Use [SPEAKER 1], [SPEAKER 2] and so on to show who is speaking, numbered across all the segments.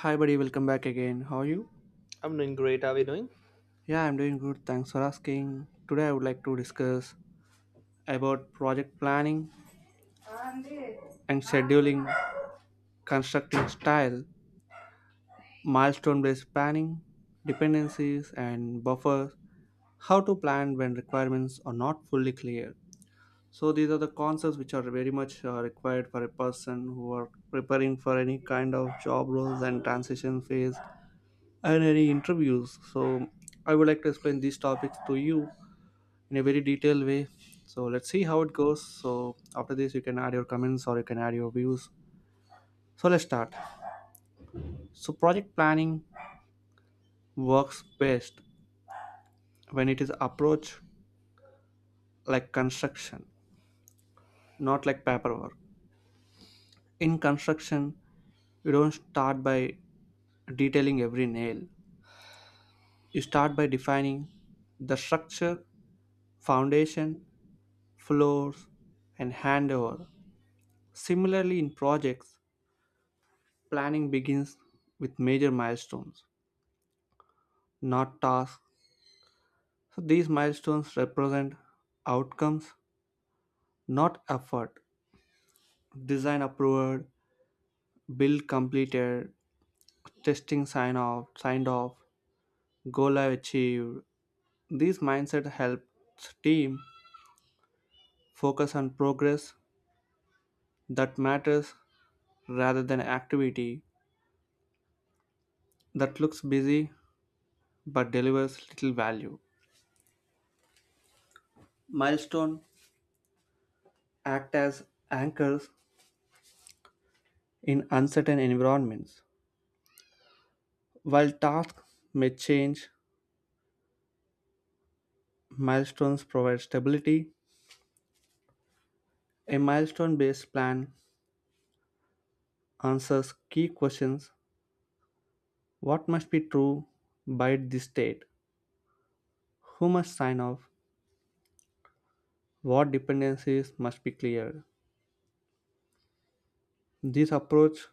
[SPEAKER 1] Hi, buddy, welcome back again. How are you?
[SPEAKER 2] I'm doing great. How are you doing?
[SPEAKER 1] Yeah, I'm doing good. Thanks for asking. Today, I would like to discuss about project planning and scheduling, constructing style, milestone based planning, dependencies, and buffers, how to plan when requirements are not fully clear. So these are the concepts which are very much required for a person who are preparing for any kind of job roles and transition phase and any interviews. So I would like to explain these topics to you in a very detailed way. So let's see how it goes. So after this, you can add your comments or you can add your views. So let's start. So project planning works best when it is approached like construction, not like paperwork. In construction, you don't start by detailing every nail. You start by defining the structure, foundation, floors, and handover. Similarly, in projects, planning begins with major milestones, not tasks. So these milestones represent outcomes, not effort. Design approved, build completed, testing sign off, go live achieved. These mindset helps team focus on progress that matters rather than activity that looks busy but delivers little value. Milestone act as anchors in uncertain environments. While tasks may change, milestones provide stability. A milestone based plan answers key questions: what must be true by this date, who must sign off, what dependencies must be cleared. This approach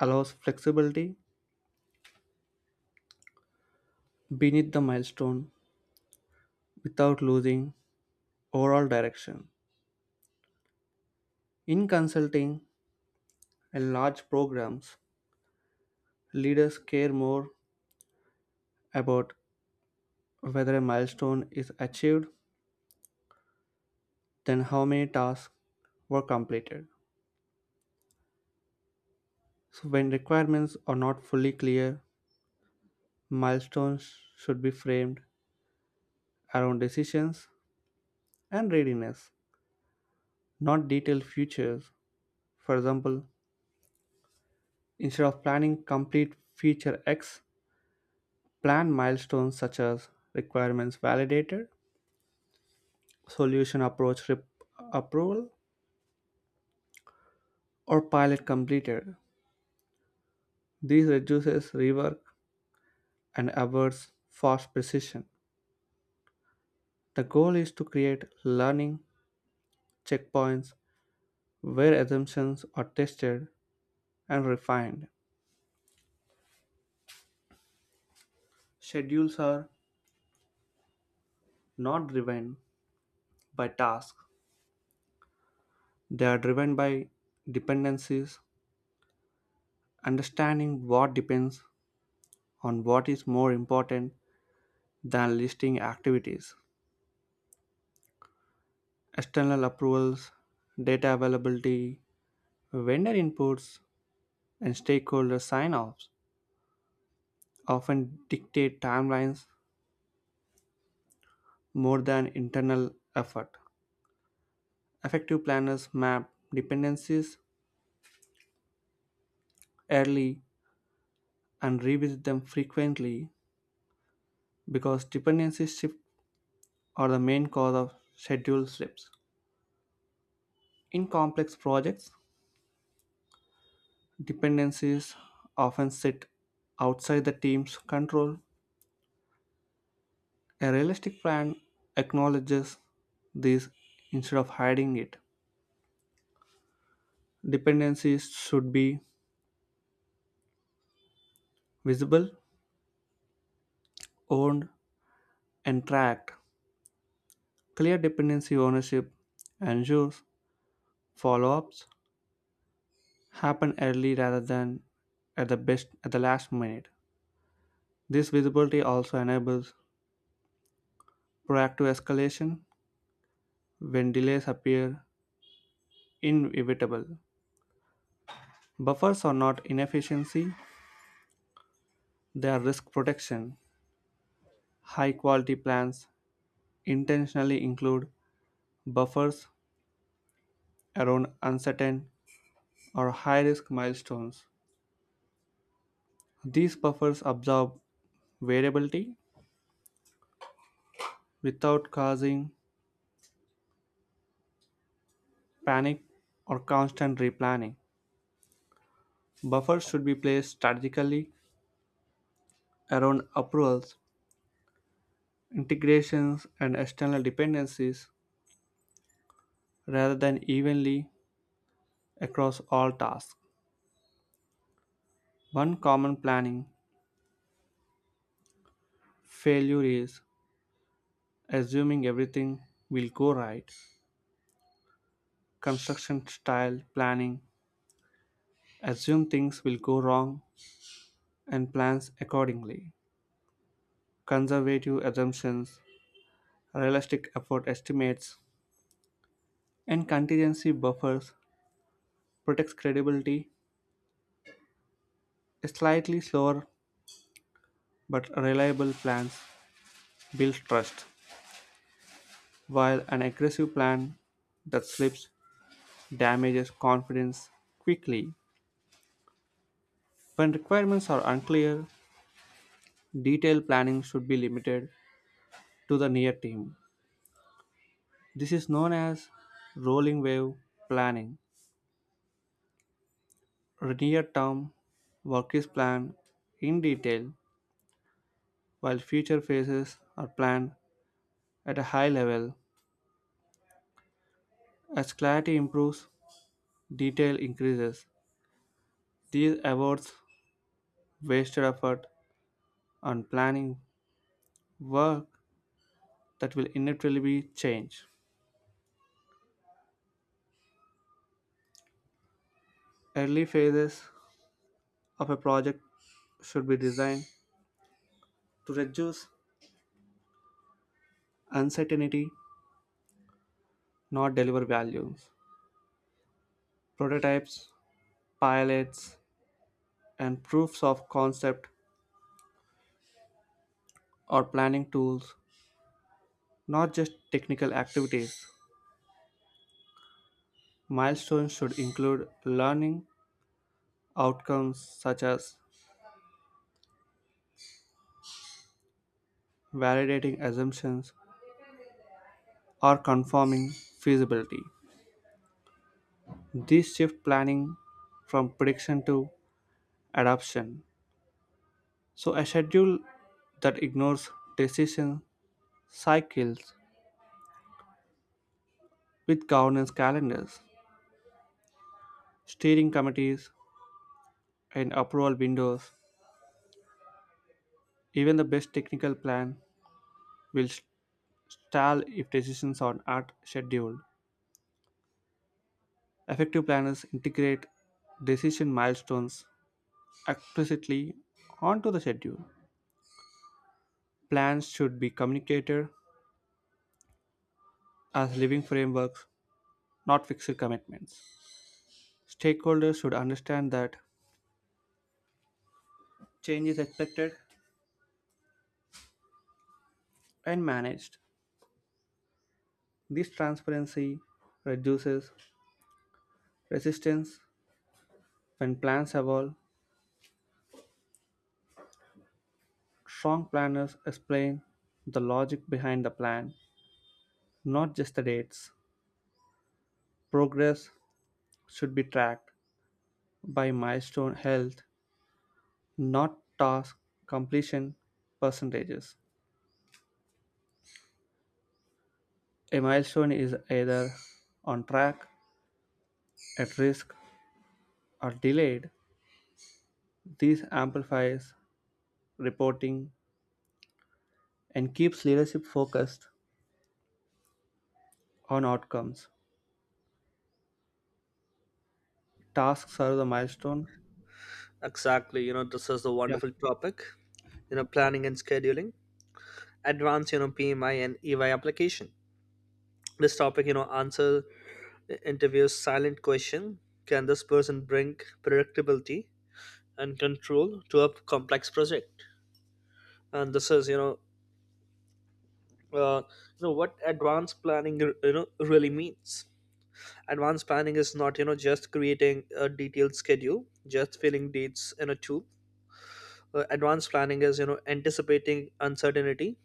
[SPEAKER 1] allows flexibility beneath the milestone without losing overall direction. In consulting and large programs, leaders care more about whether a milestone is achieved than how many tasks were completed. So when requirements are not fully clear, milestones should be framed around decisions and readiness, not detailed futures. For example, instead of planning complete feature X, plan milestones such as requirements validated, solution approach approval, or pilot completed. This reduces rework and avoids false precision. The goal is to create learning checkpoints where assumptions are tested and refined. Schedules are not driven by tasks. They are driven by dependencies. Understanding what depends on what is more important than listing activities. External approvals, data availability, vendor inputs, and stakeholder sign offs often dictate timelines more than internal effort. Effective planners map dependencies early and revisit them frequently because dependencies shift are the main cause of schedule slips. In complex projects, dependencies often sit outside the team's control. A realistic plan acknowledges this instead of hiding it. Dependencies should be visible, owned, and tracked. Clear dependency ownership ensures follow-ups happen early rather than at the last minute. This visibility also enables proactive escalation when delays appear inevitable. Buffers are not inefficiency, they are risk protection. High quality plans intentionally include buffers around uncertain or high risk milestones. These buffers absorb variability without causing panic or constant replanning. Buffers should be placed strategically around approvals, integrations, and external dependencies rather than evenly across all tasks. One common planning failure is assuming everything will go right. Construction style planning assume things will go wrong and plans accordingly. Conservative assumptions, realistic effort estimates, and contingency buffers protects credibility. Slightly slower but reliable plans build trust, while an aggressive plan that slips damages confidence quickly. When requirements are unclear, detailed planning should be limited to the near team. This is known as rolling wave planning. Near term work is planned in detail while future phases are planned at a high level. As clarity improves, detail increases. This avoids wasted effort on planning work that will inevitably be changed. Early phases of a project should be designed to reduce uncertainty, not deliver value. Prototypes, pilots, and proofs of concept are planning tools, not just technical activities. Milestones should include learning outcomes such as validating assumptions or confirming feasibility. This shift planning from prediction to adoption. So a schedule that ignores decision cycles with governance calendars, steering committees, and approval windows. Even the best technical plan will stall if decisions are not scheduled. Effective planners integrate decision milestones explicitly onto the schedule. Plans should be communicated as living frameworks, not fixed commitments. Stakeholders should understand that change is expected and managed. This transparency reduces resistance when plans evolve. Strong planners explain the logic behind the plan, not just the dates. Progress should be tracked by milestone health, not task completion percentages. A milestone is either on track, at risk, or delayed. This amplifies reporting and keeps leadership focused on outcomes. Tasks are the milestone.
[SPEAKER 2] Exactly. You know, this is a
[SPEAKER 1] Yeah,
[SPEAKER 2] wonderful topic. You know, planning and scheduling, advanced, PMI and EY application. This topic, answer interviews silent question. Can this person bring predictability and control to a complex project? And this is, uh, what advanced planning, really means. Advanced planning is not, just creating a detailed schedule, just filling dates in a tool. Advanced planning is, anticipating uncertainty,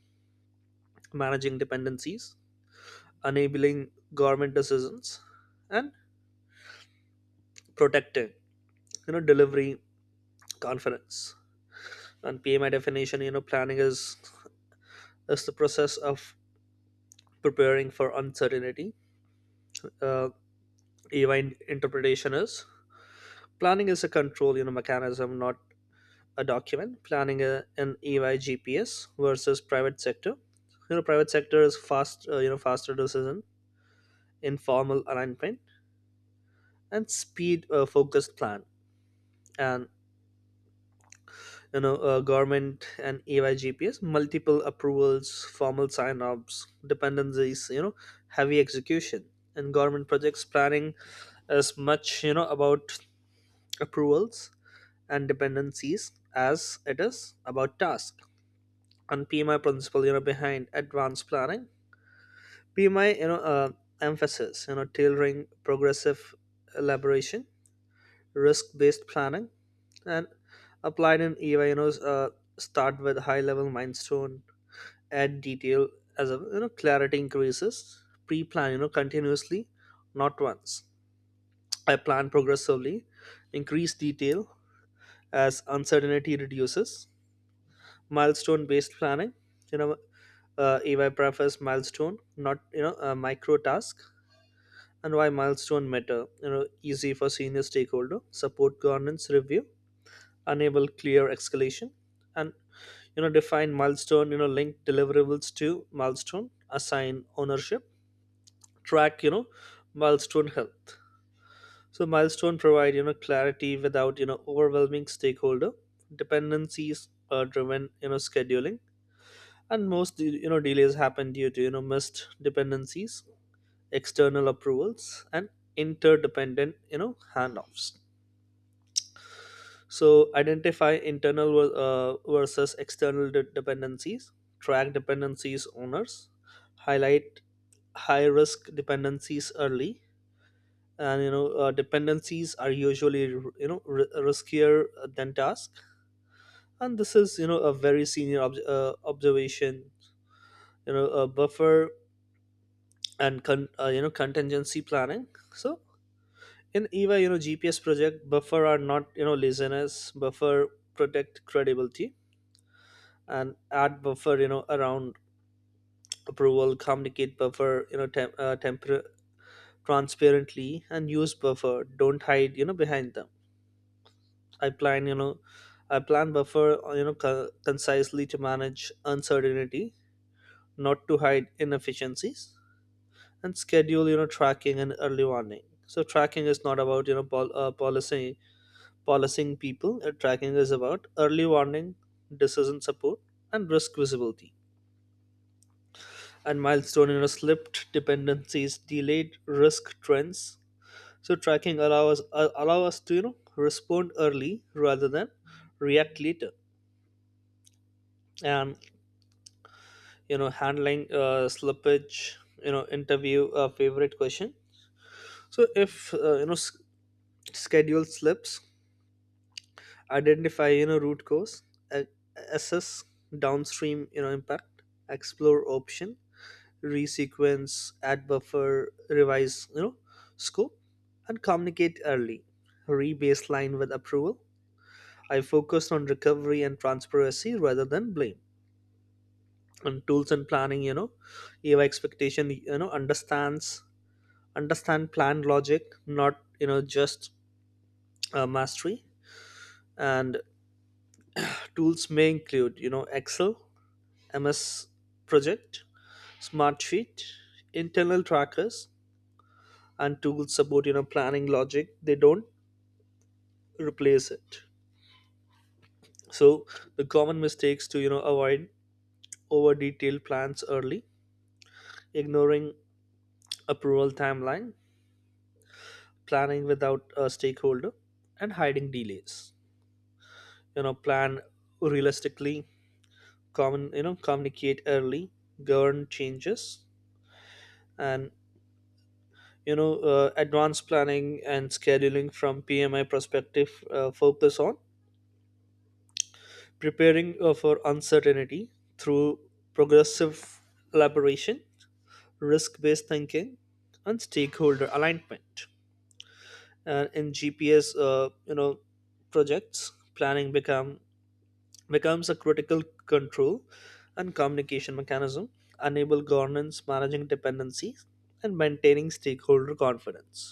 [SPEAKER 2] managing dependencies, enabling government decisions, and protecting, delivery confidence. And PMI definition, planning is the process of preparing for uncertainty. Uh, EY interpretation is planning is a control, mechanism, not a document. Planning in EY GPS versus private sector. You know, private sector is fast, faster decision, informal alignment, and speed focused plan, and government and ay gps multiple approvals, formal sign-offs, dependencies, you know, heavy execution. And government projects planning as much you know about approvals and dependencies as it is about task. And pmi principle, you know, behind advanced planning, pmi emphasis you know tailoring, progressive elaboration, risk based planning, and applied in EY, start with high level milestone, add detail as a you know clarity increases, pre-plan you know continuously, not once. I plan progressively, increase detail as uncertainty reduces. Milestone based planning, you know, EY prefers milestone, not you know a micro task. And why milestone matter? You know, easy for senior stakeholder, support governance review, enable clear escalation, and you know define milestone, you know, link deliverables to milestone, assign ownership, track you know milestone health. So milestone provide you know clarity without you know overwhelming stakeholder. Dependencies driven you know scheduling, and most you know delays happen due to you know missed dependencies, external approvals, and interdependent you know handoffs. So, identify internal versus external dependencies, track dependencies owners, highlight high risk dependencies early. And dependencies are usually you know riskier than task. And this is you know a very senior observation. You know, a buffer and you know contingency planning. So in EVA, you know GPS project buffer are not you know laziness. Buffer protect credibility and add buffer you know around approval, communicate buffer you know temper transparently, and use buffer, don't hide you know behind them. I plan. I plan buffer you know concisely to manage uncertainty, not to hide inefficiencies. And schedule you know tracking and early warning. So tracking is not about you know policy policing people. Tracking is about early warning, decision support, and risk visibility, and milestone you know, slipped dependencies, delayed risk trends. So tracking allows allow us to you know respond early rather than react later. And you know handling slippage, you know interview a favorite question. So if you know schedule slips, identify you know root cause, a- assess downstream you know impact, explore option, resequence, add buffer, revise you know scope, and communicate early, re-baseline with approval. I focused on recovery and transparency rather than blame. And tools and planning you know eva expectation you know understand plan logic, not you know just mastery. And tools may include you know excel, ms project, SmartSheet, internal trackers. And tools support you know planning logic, they don't replace it. So the common mistakes to you know avoid: over detailed plans early, ignoring approval timeline, planning without a stakeholder, and hiding delays. You know, plan realistically, common you know communicate early, govern changes. And advanced planning and scheduling from pmi perspective focus on preparing for uncertainty through progressive elaboration, risk based thinking, and stakeholder alignment. And in gps, you know, projects planning becomes a critical control and communication mechanism, enable governance, managing dependencies, and maintaining stakeholder confidence.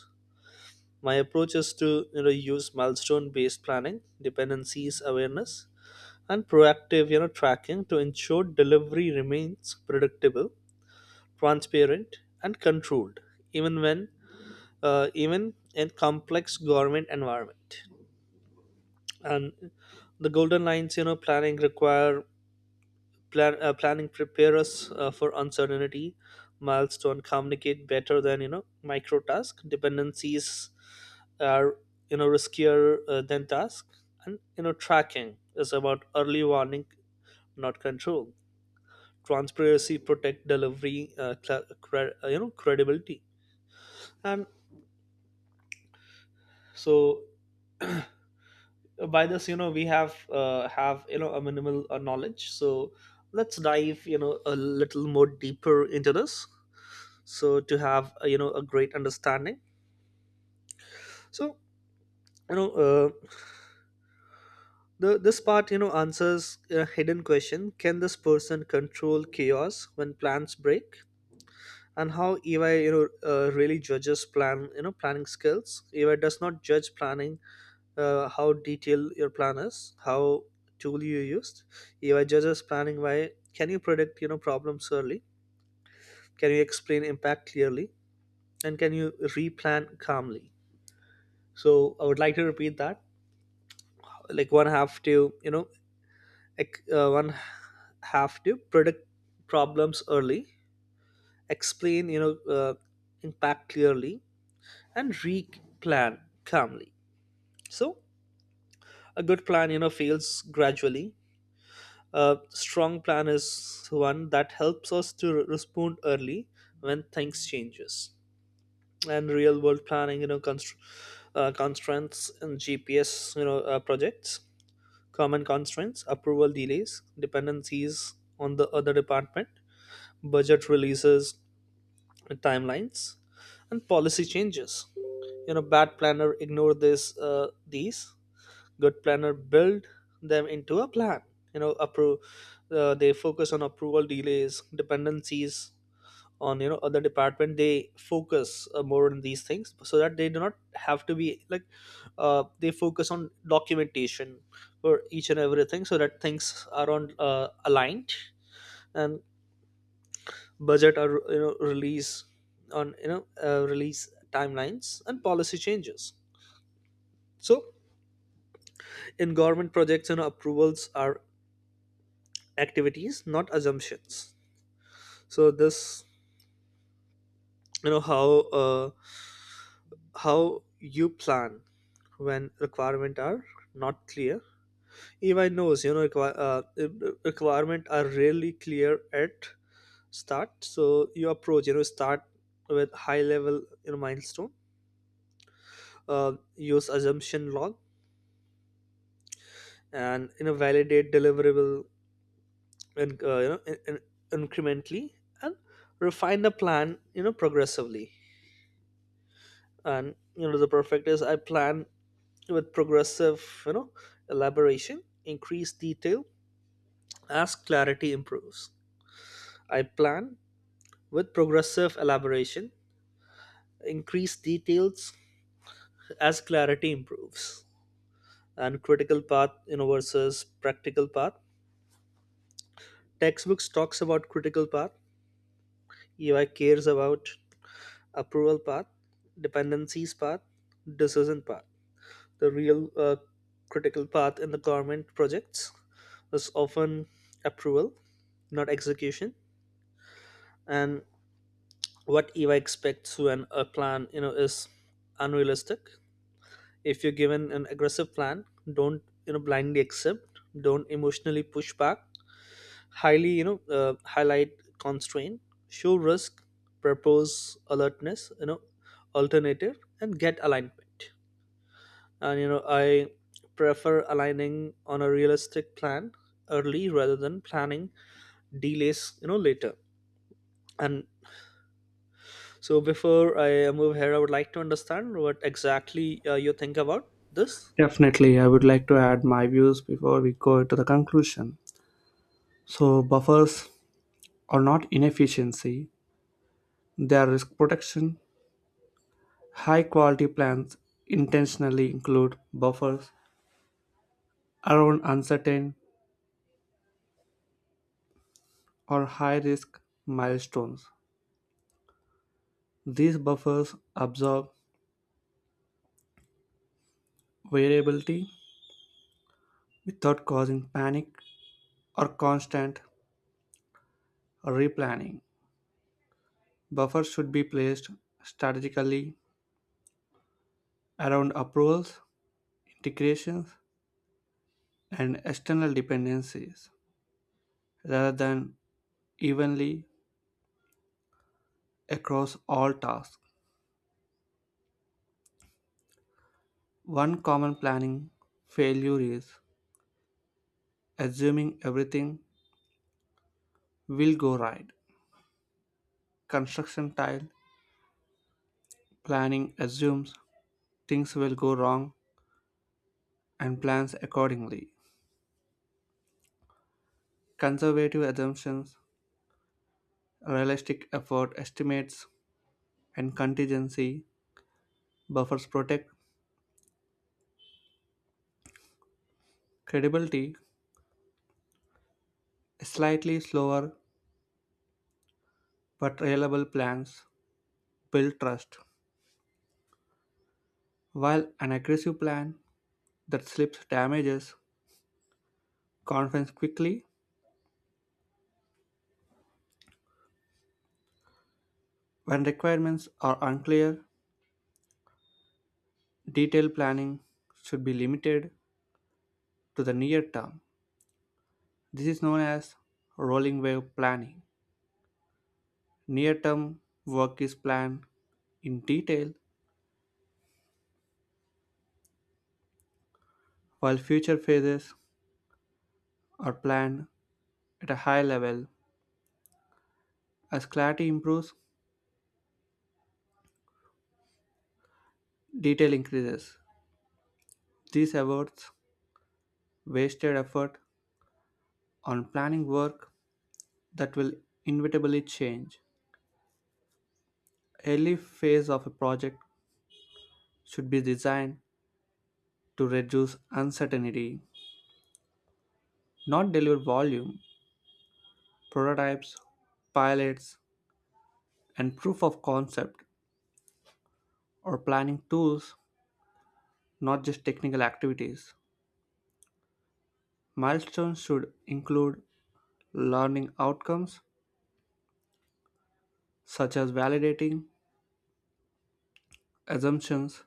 [SPEAKER 2] My approach is to you know use milestone based planning, dependencies awareness, and proactive you know tracking to ensure delivery remains predictable, transparent, and controlled, even when even in complex government environment. And the golden lines, you know, planning require plan planning prepare us for uncertainty, milestone communicate better than you know micro task, dependencies are you know riskier than task, and you know tracking is about early warning, not control. Transparency protect delivery, you know credibility. And so by this you know we have you know a minimal knowledge, so let's dive you know a little more deeper into this, so to have you know a great understanding. So you know the this part you know answers a hidden question: can this person control chaos when plans break? And how ey really judges plan, you know, planning skills. Ey does not judge planning how detailed your plan is, how tool you used. AI judges planning by: can you predict you know problems early? Can you explain impact clearly? And can you replan calmly? So I would like to repeat that. Like one have to predict problems early, explain impact clearly, and replan calmly. So a good plan you know fails gradually. A strong plan is one that helps us to respond early when things changes. And real world planning, you know, constraints and GPS, projects, common constraints, approval delays, dependencies on the other department, budget releases, and timelines, and policy changes. You know, bad planner ignore this these, good planner build them into a plan you know approve. They focus on approval delays, dependencies on you know other department. They focus more on these things so that they do not have to be like, they focus on documentation for each and everything so that things are on aligned, and budget are you know release on release timelines and policy changes. So in government projects you know approvals are activities, not assumptions. So this you know how uh, how you plan when requirement are not clear. Ey knows requirement are rarely clear at start. So you approach you know start with high level you know milestone, use assumption log and you know validate deliverable and incrementally and refine the plan you know progressively. And you know the perfect is: I plan with progressive you know elaboration, increased detail as clarity improves. I plan with progressive elaboration, increased details as clarity improves. And critical path you know versus practical path, textbooks talks about critical path. Ui cares about approval path, dependencies path, decision path. The real critical path in the government projects is often approval, not execution. And what eva expects when a plan you know is unrealistic: if you're given an aggressive plan, don't you know blindly accept, don't emotionally push back, highly you know highlight constraint, show risk, propose alertness you know alternative, and get alignment. And you know I prefer aligning on a realistic plan early rather than planning delays you know later. And so before I move ahead, I would like to understand what exactly you think about this.
[SPEAKER 1] definitely. I would like to add my views before we go to the conclusion. So buffers are not inefficiency, they are risk protection. High quality plans intentionally include buffers around uncertain or high risk milestones. These buffers absorb variability without causing panic or constant replanning. Buffers should be placed strategically around approvals, integrations, and external dependencies rather than evenly across all tasks. One common planning failure is assuming everything will go right. Construction tile planning assumes things will go wrong and plans accordingly. Conservative assumptions, realistic effort estimates, and contingency buffers protect credibility. Slightly slower but reliable plans build trust, while an aggressive plan that slips damages confidence quickly. When requirements are unclear, detailed planning should be limited to the near term. This is known as rolling wave planning. Near term work is planned in detail, while future phases are planned at a high level. As clarity improves, detail increases. This avoids wasted effort on planning work that will inevitably change. Early phase of a project should be designed to reduce uncertainty, not deliver volume. Prototypes, pilots, and proof of concept or planning tools, not just technical activities. Milestones should include learning outcomes such as validating assumptions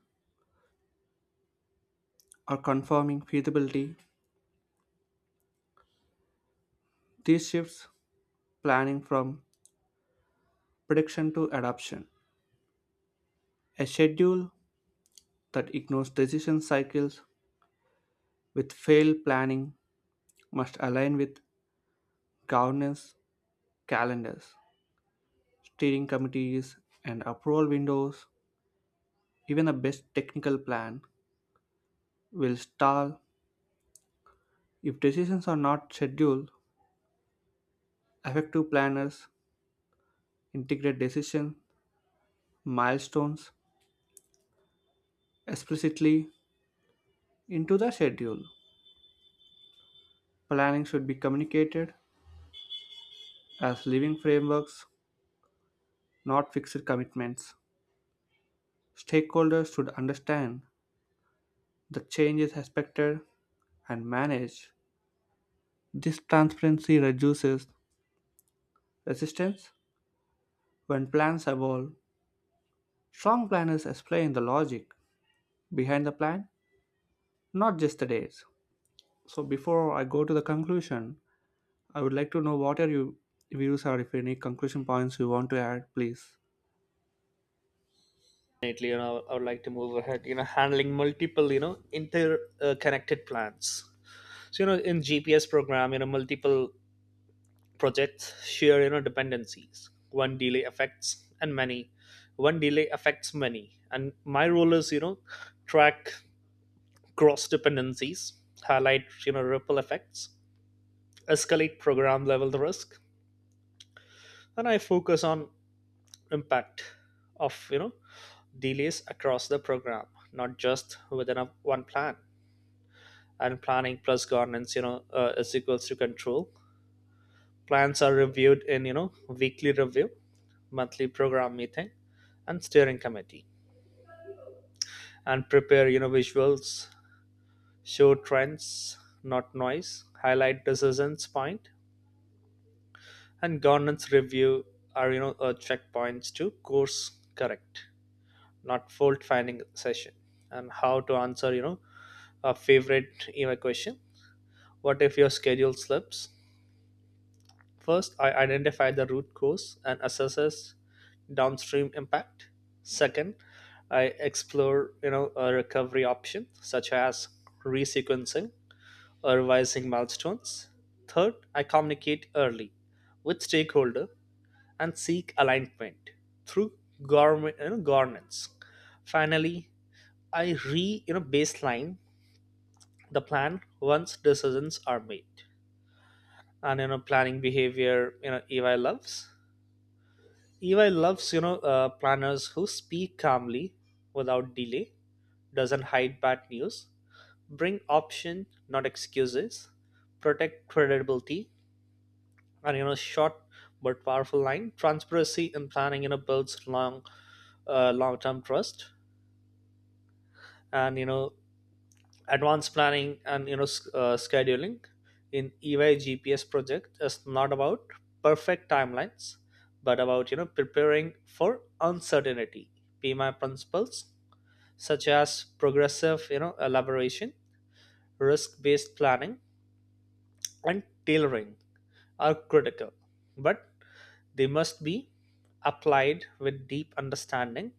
[SPEAKER 1] or confirming feasibility. These shifts planning from prediction to adoption. A schedule that ignores decision cycles with failed planning must align with governance calendars, steering committees, and approval windows. Even the best technical plan will stall if decisions are not scheduled. Effective planners integrate decision milestones explicitly into the schedule. Planning should be communicated as living frameworks, not fixed commitments. Stakeholders should understand the changes expected and manage. This transparency reduces resistance when plans evolve. Strong planners explain the logic behind the plan, not just the dates. So before I go to the conclusion, I would like to know what are your views, or if any conclusion points you want to add, please.
[SPEAKER 2] Definitely, you know, I would like to move ahead. You know, handling multiple, you know, interconnected plans. So you know, in GPS program, you know, multiple projects share you know dependencies. One delay affects and many. One delay affects many. And my role is you know track cross dependencies, highlight you know ripple effects, escalate program level risk. And I focus on impact of you know delays across the program, not just within a, one plan. And planning plus governance is equals to control. Plans are reviewed in you know weekly review, monthly program meeting, and steering committee. And prepare you know visuals, show trends not noise, highlight decisions point. And governance review are checkpoints to course correct, not fault finding session. And how to answer you know a favorite email question: what if your schedule slips? First, I identify the root cause and assess downstream impact. Second, I explore you know a recovery option such as resequencing or revising milestones. Third, I communicate early with stakeholder and seek alignment through government, you know, governance. Finally, I re you know baseline the plan once decisions are made. And you know planning behavior you know ey loves planners who speak calmly without delay, doesn't hide bad news, bring option not excuses, protect credibility. And you know short but powerful line: transparency in planning you know builds long term trust. And you know advanced planning and scheduling in EY GPS project is not about perfect timelines, but about you know preparing for uncertainty. PMI principles such as progressive you know elaboration, risk-based planning, and tailoring are critical, but they must be applied with deep understanding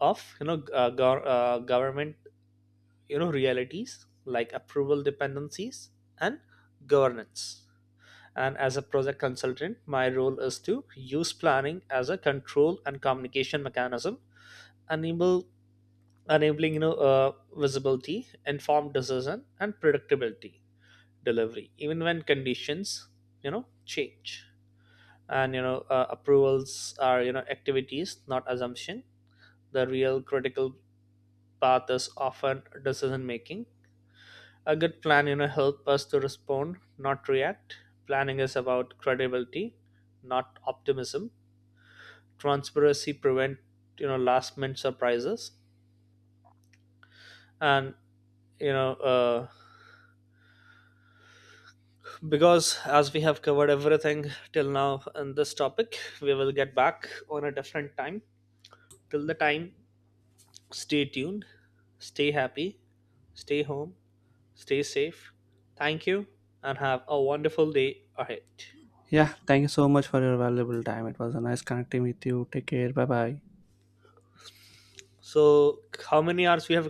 [SPEAKER 2] of government you know realities like approval dependencies and governance. And as a project consultant my role is to use planning as a control and communication mechanism, enable enabling you know visibility, informed decision, and predictability delivery even when conditions you know change. And you know approvals are you know activities not assumption. The real critical path is often decision making. A good plan you know help us to respond not react. Planning is about credibility not optimism. Transparency prevent you know last minute surprises. And you know uh, because as we have covered everything till now in this topic, we will get back on a different time. Till the time, stay tuned, stay happy, stay home, stay safe. Thank you and have a wonderful day ahead.
[SPEAKER 1] Yeah, thank you so much for your valuable time. It was a nice connecting with you. Take care. Bye bye.
[SPEAKER 2] So how many hours we have